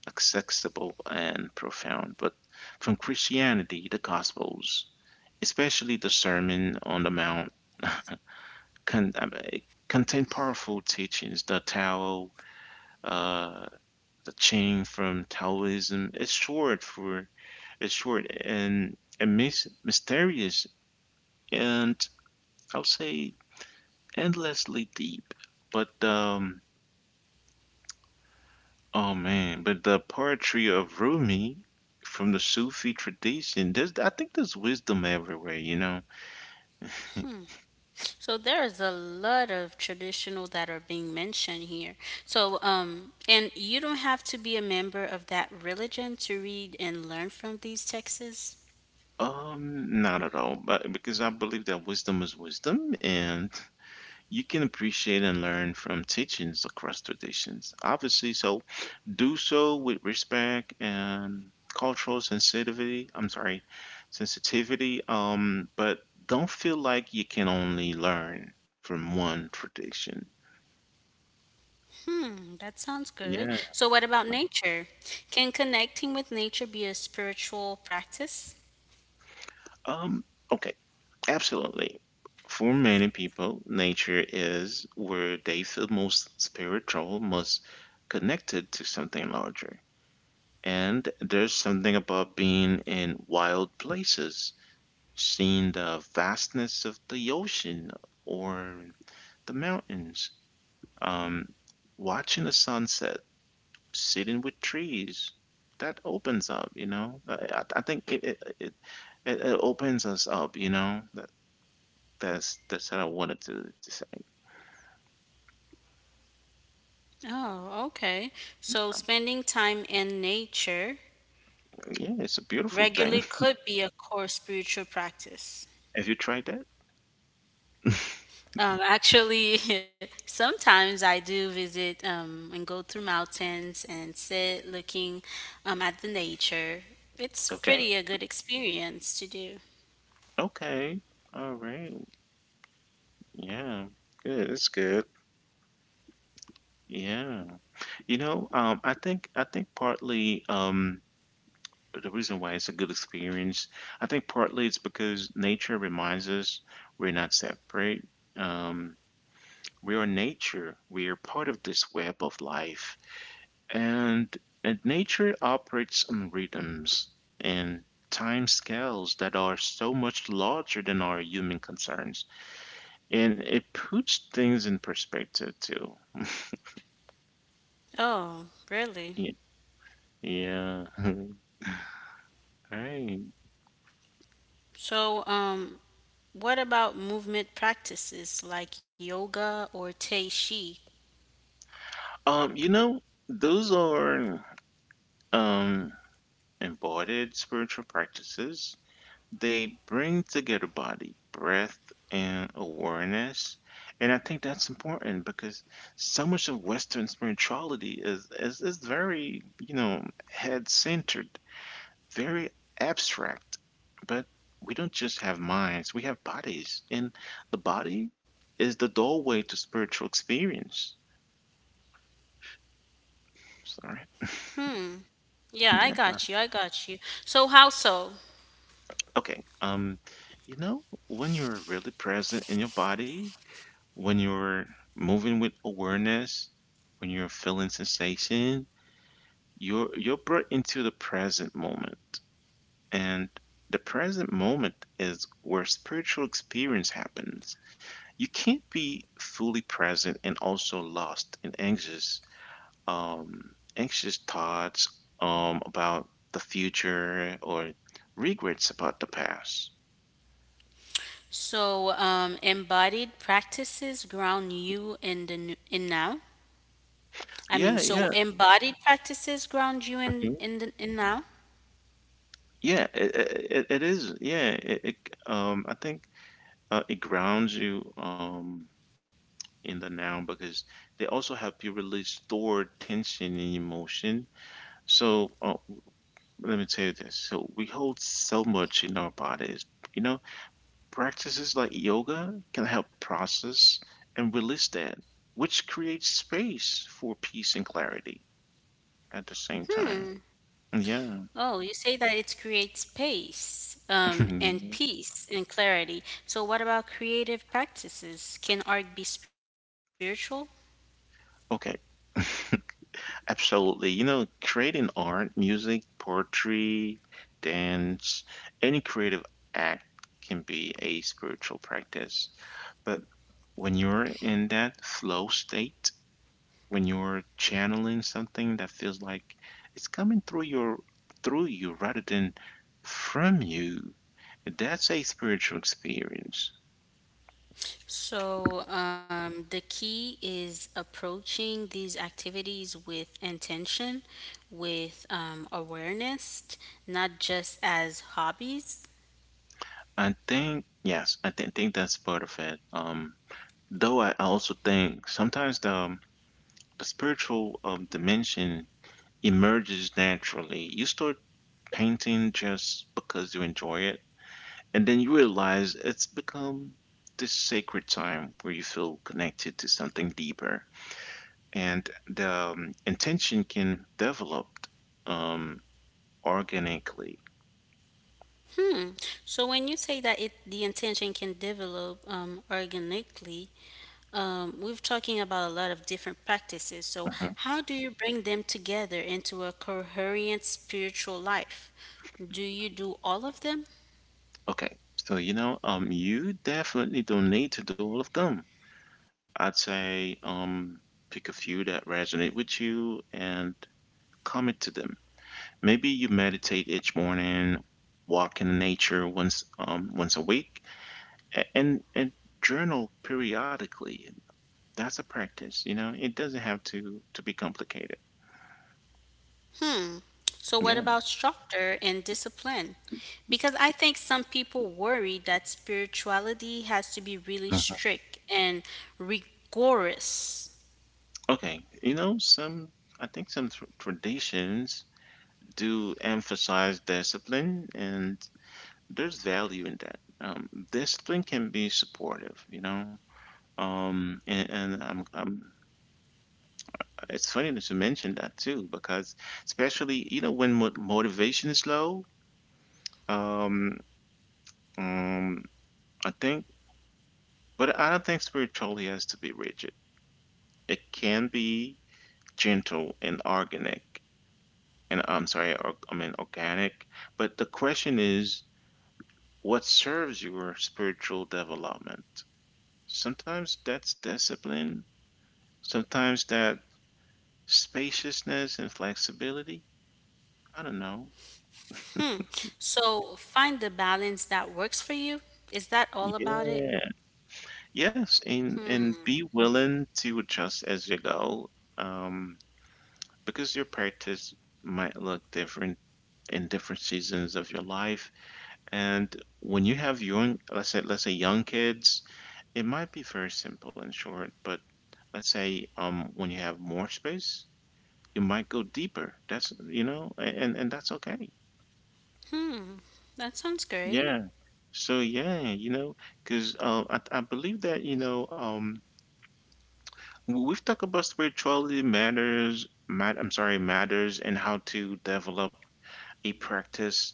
Speaker 1: accessible and profound, but from Christianity, the Gospels, especially the Sermon on the Mount, *laughs* con- I mean, contain powerful teachings. The Tao, uh, the chain from Taoism. It's short and mis mysterious, and I'll say endlessly deep. But oh man, but the poetry of Rumi from the Sufi tradition, there's, I think there's wisdom everywhere, you know.
Speaker 2: So there's a lot of traditional that are being mentioned here. So and you don't have to be a member of that religion to read and learn from these texts.
Speaker 1: Not at all, but because I believe that wisdom is wisdom, and you can appreciate and learn from teachings across traditions. Obviously, so do so with respect and cultural sensitivity. I'm sorry, sensitivity. But don't feel like you can only learn from one tradition.
Speaker 2: Hmm, that sounds good.
Speaker 1: Yeah.
Speaker 2: So what about nature? Can connecting with nature be a spiritual practice?
Speaker 1: Um. Okay. Absolutely. For many people, nature is where they feel most spiritual, most connected to something larger. And there's something about being in wild places, seeing the vastness of the ocean or the mountains, um, watching the sunset, sitting with trees. That opens up, you know. I think it it, it it it opens us up, you know. That's what I wanted to say.
Speaker 2: Oh, okay. So spending time in nature
Speaker 1: Yeah, it's a beautiful thing.
Speaker 2: regularly could be a core spiritual practice.
Speaker 1: *laughs* Have you tried that?
Speaker 2: Actually, *laughs* sometimes I do visit and go through mountains and sit looking at the nature. It's
Speaker 1: Okay.
Speaker 2: pretty a good experience to do.
Speaker 1: Okay. All right. Yeah. Good. It's good. Yeah. You know, I think partly the reason why it's a good experience, I think partly it's because nature reminds us we're not separate. Um, we are nature. We are part of this web of life, and nature operates on rhythms and time scales that are so much larger than our human concerns, and it puts things in perspective too.
Speaker 2: Oh, really?
Speaker 1: Yeah. Yeah. *laughs* Right.
Speaker 2: So, what about movement practices like yoga or tai chi?
Speaker 1: You know, those are um embodied spiritual practices. They bring together body, breath, and awareness. And I think that's important because so much of Western spirituality is very, you know, head-centered, very abstract. But we don't just have minds, we have bodies. And the body is the doorway to spiritual experience. Sorry.
Speaker 2: Hmm. Yeah,
Speaker 1: *laughs*
Speaker 2: I
Speaker 1: Yeah.
Speaker 2: got you. I got you. So, how so?
Speaker 1: Okay. You know, when you're really present in your body, when you're moving with awareness, when you're feeling sensation, you're brought into the present moment. And the present moment is where spiritual experience happens. You can't be fully present and also lost in anxious, anxious thoughts, about the future or regrets about the past.
Speaker 2: So, embodied practices ground you in now. I mean,
Speaker 1: Yeah,
Speaker 2: so
Speaker 1: yeah.
Speaker 2: embodied practices ground you
Speaker 1: Mm-hmm.
Speaker 2: in now.
Speaker 1: Yeah, it is. Yeah, it I think it grounds you in the now because they also help you release stored tension and emotion. So, let me tell you this. So we hold so much in our bodies. You know, practices like yoga can help process and release that, which creates space for peace and clarity at the same time.
Speaker 2: Hmm.
Speaker 1: Yeah.
Speaker 2: Oh, you say that it creates space, and
Speaker 1: *laughs*
Speaker 2: peace and clarity. So, what about creative practices? Can art be spiritual?
Speaker 1: Okay. *laughs* Absolutely. You know, creating art, music, poetry, dance, any creative act can be a spiritual practice. But when you're in that flow state, when you're channeling something that feels like it's coming through your through you rather than from you, that's a spiritual experience.
Speaker 2: So, the key is approaching these activities with intention, with awareness, not just as hobbies.
Speaker 1: I think yes, I think that's part of it. Though I also think sometimes the spiritual, dimension emerges naturally. You start painting just because you enjoy it, and then you realize it's become this sacred time where you feel connected to something deeper, and the intention can develop um, organically.
Speaker 2: Hmm. So when you say that it the intention can develop organically, we're talking about a lot of different practices. So
Speaker 1: Mhm.
Speaker 2: how do you bring them together into a coherent spiritual life? Do you do all of them?
Speaker 1: Okay, so you know, you definitely don't need to do all of them. I'd say, pick a few that resonate with you and commit to them. Maybe you meditate each morning, walk in nature once a week, and journal periodically. That's a practice, you know. It doesn't have to be complicated.
Speaker 2: Hmm. So what
Speaker 1: Yeah.
Speaker 2: about structure and discipline? Because I think some people worry that spirituality has to be really
Speaker 1: Uh-huh.
Speaker 2: strict and rigorous.
Speaker 1: Okay, you know, some I think some tr traditions do emphasize discipline, and there's value in that. Discipline can be supportive, you know. Um, and, and I'm, I'm, it's funny that you mentioned that too, because especially, you know, when mo motivation is low, um, um, I think, but I don't think spirituality has to be rigid. It can be gentle and organic, and I'm sorry, or, I mean organic. But the question is, what serves your spiritual development? Sometimes that's discipline, sometimes that spaciousness and flexibility. I don't know.
Speaker 2: So find the balance that works for you. Is that all about it?
Speaker 1: Yeah. Yes, and be willing to adjust as you go, um, because your practice might look different in different seasons of your life. And when you have young, let's say young kids, it might be very simple and short, but let's say, when you have more space, you might go deeper. That's, you know, and that's okay.
Speaker 2: That sounds great.
Speaker 1: Yeah. So yeah, you know, because I believe that, you know, Well, we've talked about spirituality matters, matters and how to develop a practice.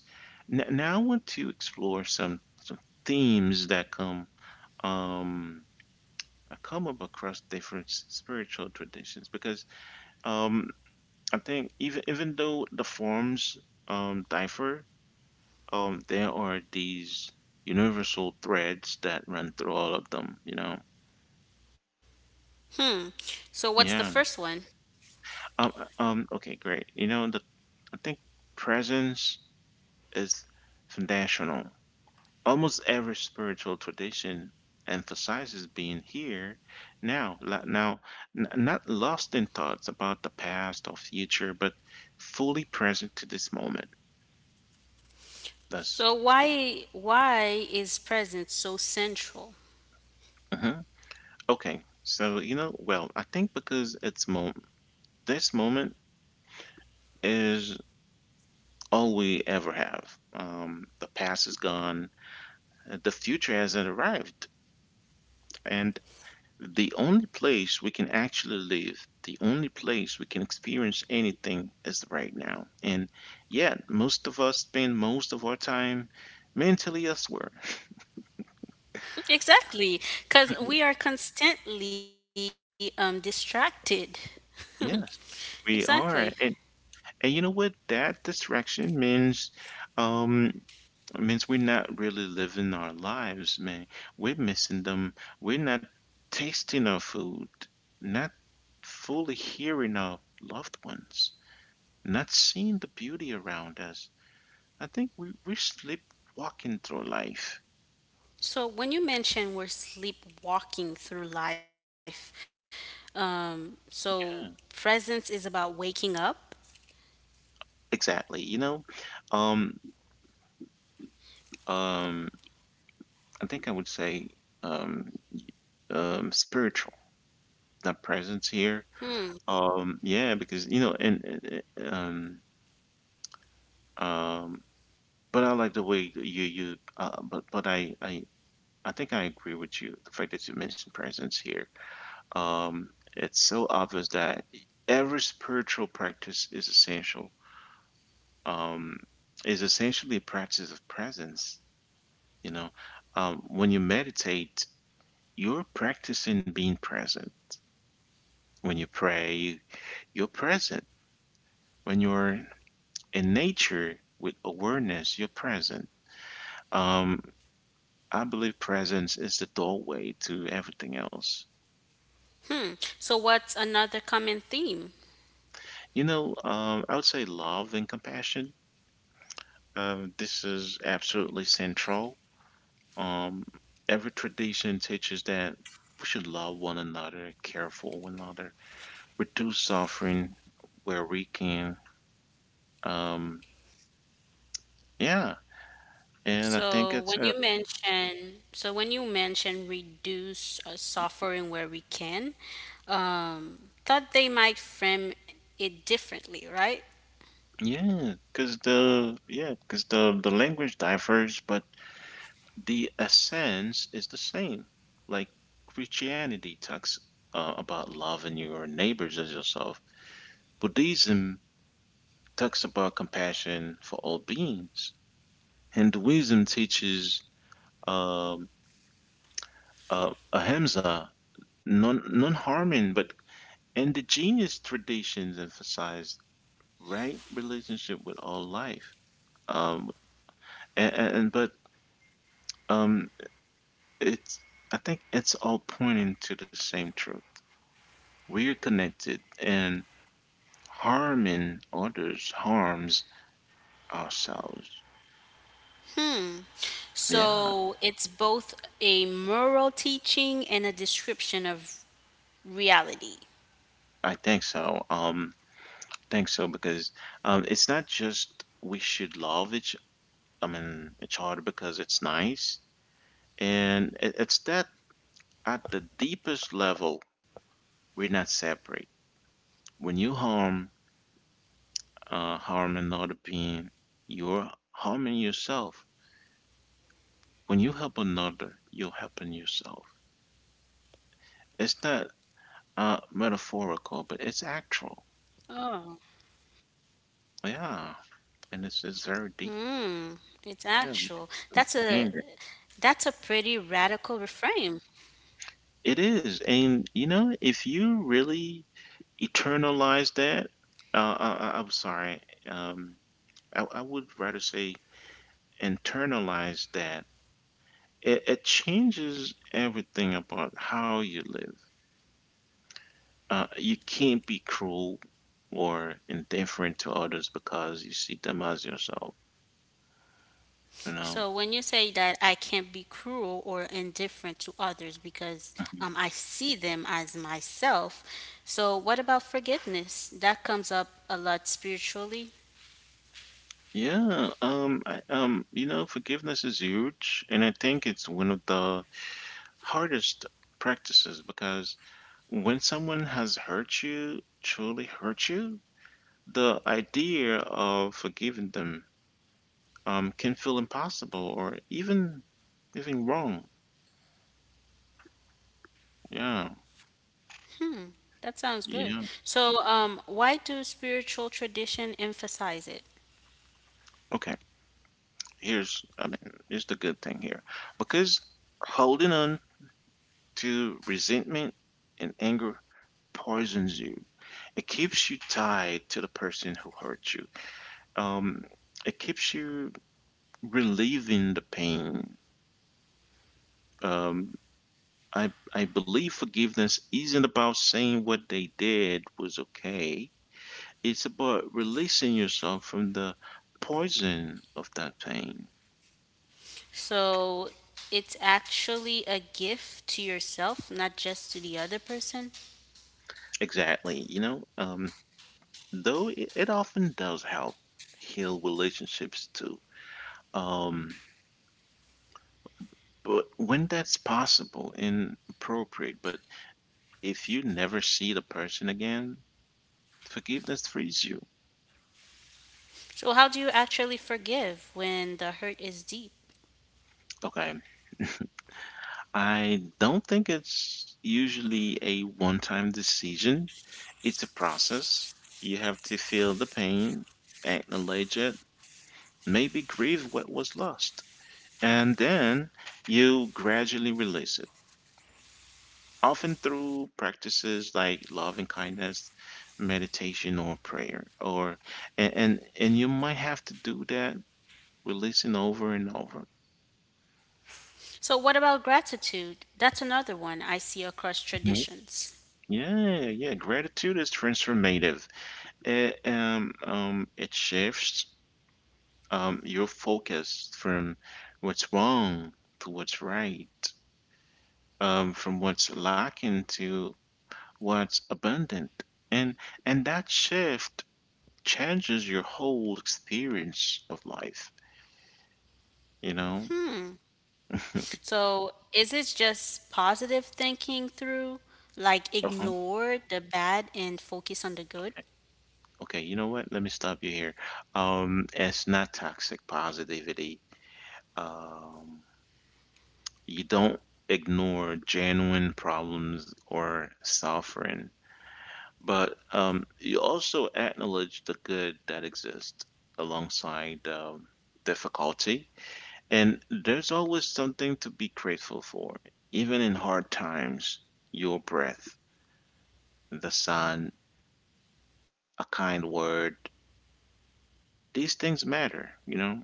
Speaker 1: Now I want to explore some themes that um come up across different spiritual traditions, because um I think even even though the forms differ, there are these universal threads that run through all of them, you know.
Speaker 2: Hmm. So what's the
Speaker 1: Yeah.
Speaker 2: first one?
Speaker 1: Okay, great. You know, the I think presence is foundational. Almost every spiritual tradition emphasizes being here now, now, not lost in thoughts about the past or future, but fully present to this moment.
Speaker 2: So
Speaker 1: That's
Speaker 2: why is presence so central?
Speaker 1: uh Okay, so you know, well, I think because it's mo this moment is all we ever have. The past is gone. The future hasn't arrived. And the only place we can actually live, the only place we can experience anything is right now. And yet, most of us spend most of our time mentally elsewhere.
Speaker 2: *laughs* Exactly, because we are
Speaker 1: *laughs*
Speaker 2: constantly distracted. *laughs*
Speaker 1: Yes,
Speaker 2: Exactly.
Speaker 1: we are. And you know what? That distraction means um means we're not really living our lives, man. We're missing them. We're not tasting our food, not fully hearing our loved ones, not seeing the beauty around us. I think we're sleepwalking through life.
Speaker 2: So when you mention we're sleepwalking through life, so presence
Speaker 1: Yeah.
Speaker 2: is about waking up.
Speaker 1: Exactly. You know, um, um, I would say um, um, spiritual, the presence here. Yeah, because you know, and, um, but I like the way that you you. But I think I agree with you. The fact that you mentioned presence here. Um, it's so obvious that every spiritual practice um, is essentially a practice of presence. You know, when you meditate, you're practicing being present. When you pray, you're present. When you're in nature with awareness, you're present. Um, I believe presence is the doorway to everything else.
Speaker 2: So what's another common theme?
Speaker 1: You know, I would say love and compassion. This is absolutely central. Um, every tradition teaches that we should love one another, care for one another, reduce suffering where we can. Um, yeah, and I
Speaker 2: So
Speaker 1: think
Speaker 2: when
Speaker 1: it's
Speaker 2: you mention, so when you mention reduce suffering where we can, um, thought they might frame it differently, right?
Speaker 1: Yeah, cause the yeah, cause the language differs, but the essence is the same. Like Christianity talks, about loving your neighbors as yourself. Buddhism talks about compassion for all beings. Hinduism teaches um Ahimsa, non harming, but and the genius traditions emphasize right relationship with all life. Um, and but um, it's I think it's all pointing to the same truth. We are connected, and harming others harms ourselves. Yeah,
Speaker 2: So it's both a moral teaching and a description of reality.
Speaker 1: I think so. Think so because it's not just we should love each. I mean, each other because it's nice. And it's that at the deepest level, we're not separate. When you harm another being, you're harming yourself. When you help another, you're helping yourself. It's not metaphorical, but it's
Speaker 2: Oh,
Speaker 1: actual. Yeah, and it's
Speaker 2: mm,
Speaker 1: very deep.
Speaker 2: it's actual.
Speaker 1: Yeah, we can understand
Speaker 2: That's
Speaker 1: it.
Speaker 2: a pretty radical reframe.
Speaker 1: It is, and you know, if you really eternalize that, I'm sorry. Um, I would rather say internalize that, it changes everything about how you live. You can't be cruel or indifferent to others because you see them as yourself, you
Speaker 2: So
Speaker 1: know?
Speaker 2: when you say that I can't be cruel or indifferent to others because
Speaker 1: Mhm.
Speaker 2: I see them as myself, so what about forgiveness? That comes up a lot spiritually.
Speaker 1: Yeah, you know, forgiveness is huge, and I think it's one of the hardest practices because when someone has hurt you, truly hurt you, the idea of forgiving them can feel impossible or even wrong. Yeah,
Speaker 2: That sounds good.
Speaker 1: yeah.
Speaker 2: So why do spiritual tradition emphasize it?
Speaker 1: Okay, here's I mean, here's the good thing here, because holding on to resentment and anger poisons you. It keeps you tied to the person who hurt you. Um, it keeps you relieving the pain. Um, I believe forgiveness isn't about saying what they did was okay. It's about releasing yourself from the poison of that pain.
Speaker 2: So it's actually a gift to yourself, not just to the other person.
Speaker 1: Exactly. You know, though it often does help heal relationships too. Um, but when that's possible and appropriate, but if you never see the person again, forgiveness frees you.
Speaker 2: So how do you actually forgive when the hurt is deep?
Speaker 1: Okay. I don't think it's usually a one time decision, it's a process. You have to feel the pain, acknowledge it, maybe grieve what was lost, and then you gradually release it, often through practices like love and kindness, meditation, or prayer. Or and you might have to do that releasing over and over.
Speaker 2: So, what about gratitude? That's another one I see across
Speaker 1: Mhm.
Speaker 2: traditions.
Speaker 1: Yeah, yeah. Gratitude is transformative. It shifts your focus from what's wrong to what's right, from what's lacking to what's abundant. And and that shift changes your whole experience of life, you know? *laughs*
Speaker 2: So, is it just positive thinking through, like
Speaker 1: Oh,
Speaker 2: ignore the bad and focus on the good?
Speaker 1: okay. Okay, you know what? Let me stop you here. It's not toxic positivity. Um, you don't ignore genuine problems or suffering, but you also acknowledge the good that exists alongside difficulty. And there's always something to be grateful for. Even in hard times, your breath, the sun, a kind word, these things matter, you know?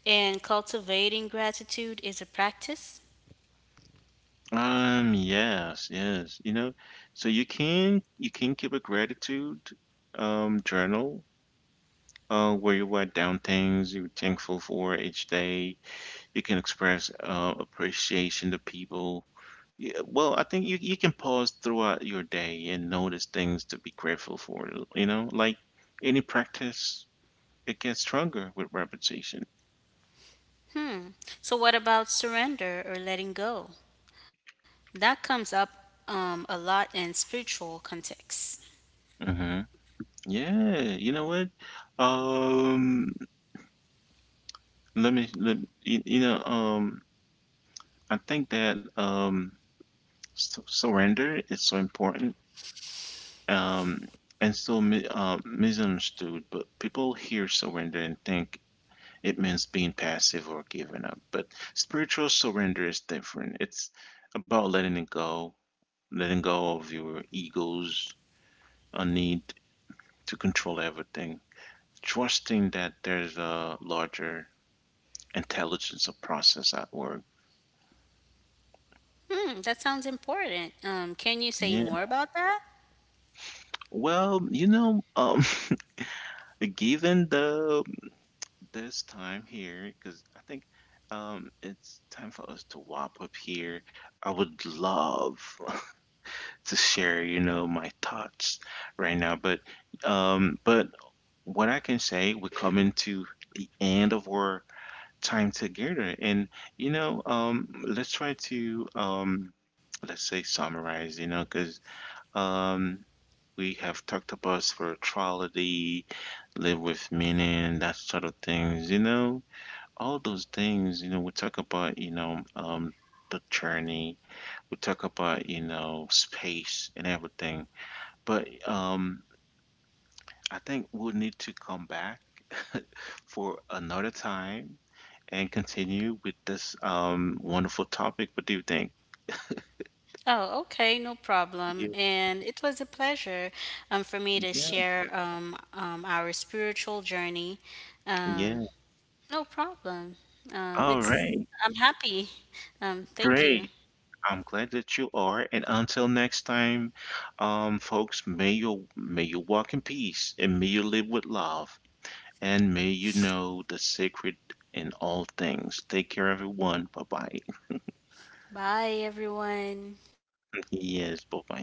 Speaker 2: And cultivating gratitude is a practice.
Speaker 1: Yes, yes, you know. So you can keep a gratitude journal where you write down things you're thankful for each day. You can express appreciation to people. Yeah, well, I think you can pause throughout your day and notice things to be grateful for. You know, like any practice, it gets stronger with repetition.
Speaker 2: So, what about surrender or letting go? That comes up a lot in spiritual contexts.
Speaker 1: Mm-hmm. Yeah, you know what? Um, let me let you, you know, I think that s surrender is so important. Um, and so mi misunderstood, but people hear surrender and think it means being passive or giving up. But spiritual surrender is different. It's about letting it go, letting go of your ego's a need to control everything, trusting that there's a larger intelligence or process at work.
Speaker 2: Hmm, that sounds important. Can you say
Speaker 1: Yeah.
Speaker 2: more about that?
Speaker 1: Well, you know, *laughs* given the this time here, because I think it's time for us to wrap up here. I would love to share, you know, my thoughts right now. But what I can say, we're coming to the end of our time together, and you know, let's try to let's say summarize, you know, because um, we have talked about spirituality, live with meaning, that sort of things, you know, all those things, you know, we talk about, you know, the journey, we talk about, you know, space and everything. But I think we'll need to come back *laughs* for another time and continue with this wonderful topic. What do you think?
Speaker 2: Oh, okay, no problem.
Speaker 1: Yeah.
Speaker 2: And it was a pleasure for me to
Speaker 1: Yeah.
Speaker 2: share our spiritual journey. Um,
Speaker 1: Yeah.
Speaker 2: no problem.
Speaker 1: All
Speaker 2: It's
Speaker 1: right.
Speaker 2: I'm happy. Thank you.
Speaker 1: Great. I'm glad that you are. And until next time, folks, may you walk in peace and may you live with love. And may you know the sacred in all things. Take care, everyone. Bye bye.
Speaker 2: Bye, everyone.
Speaker 1: Yes, bye bye.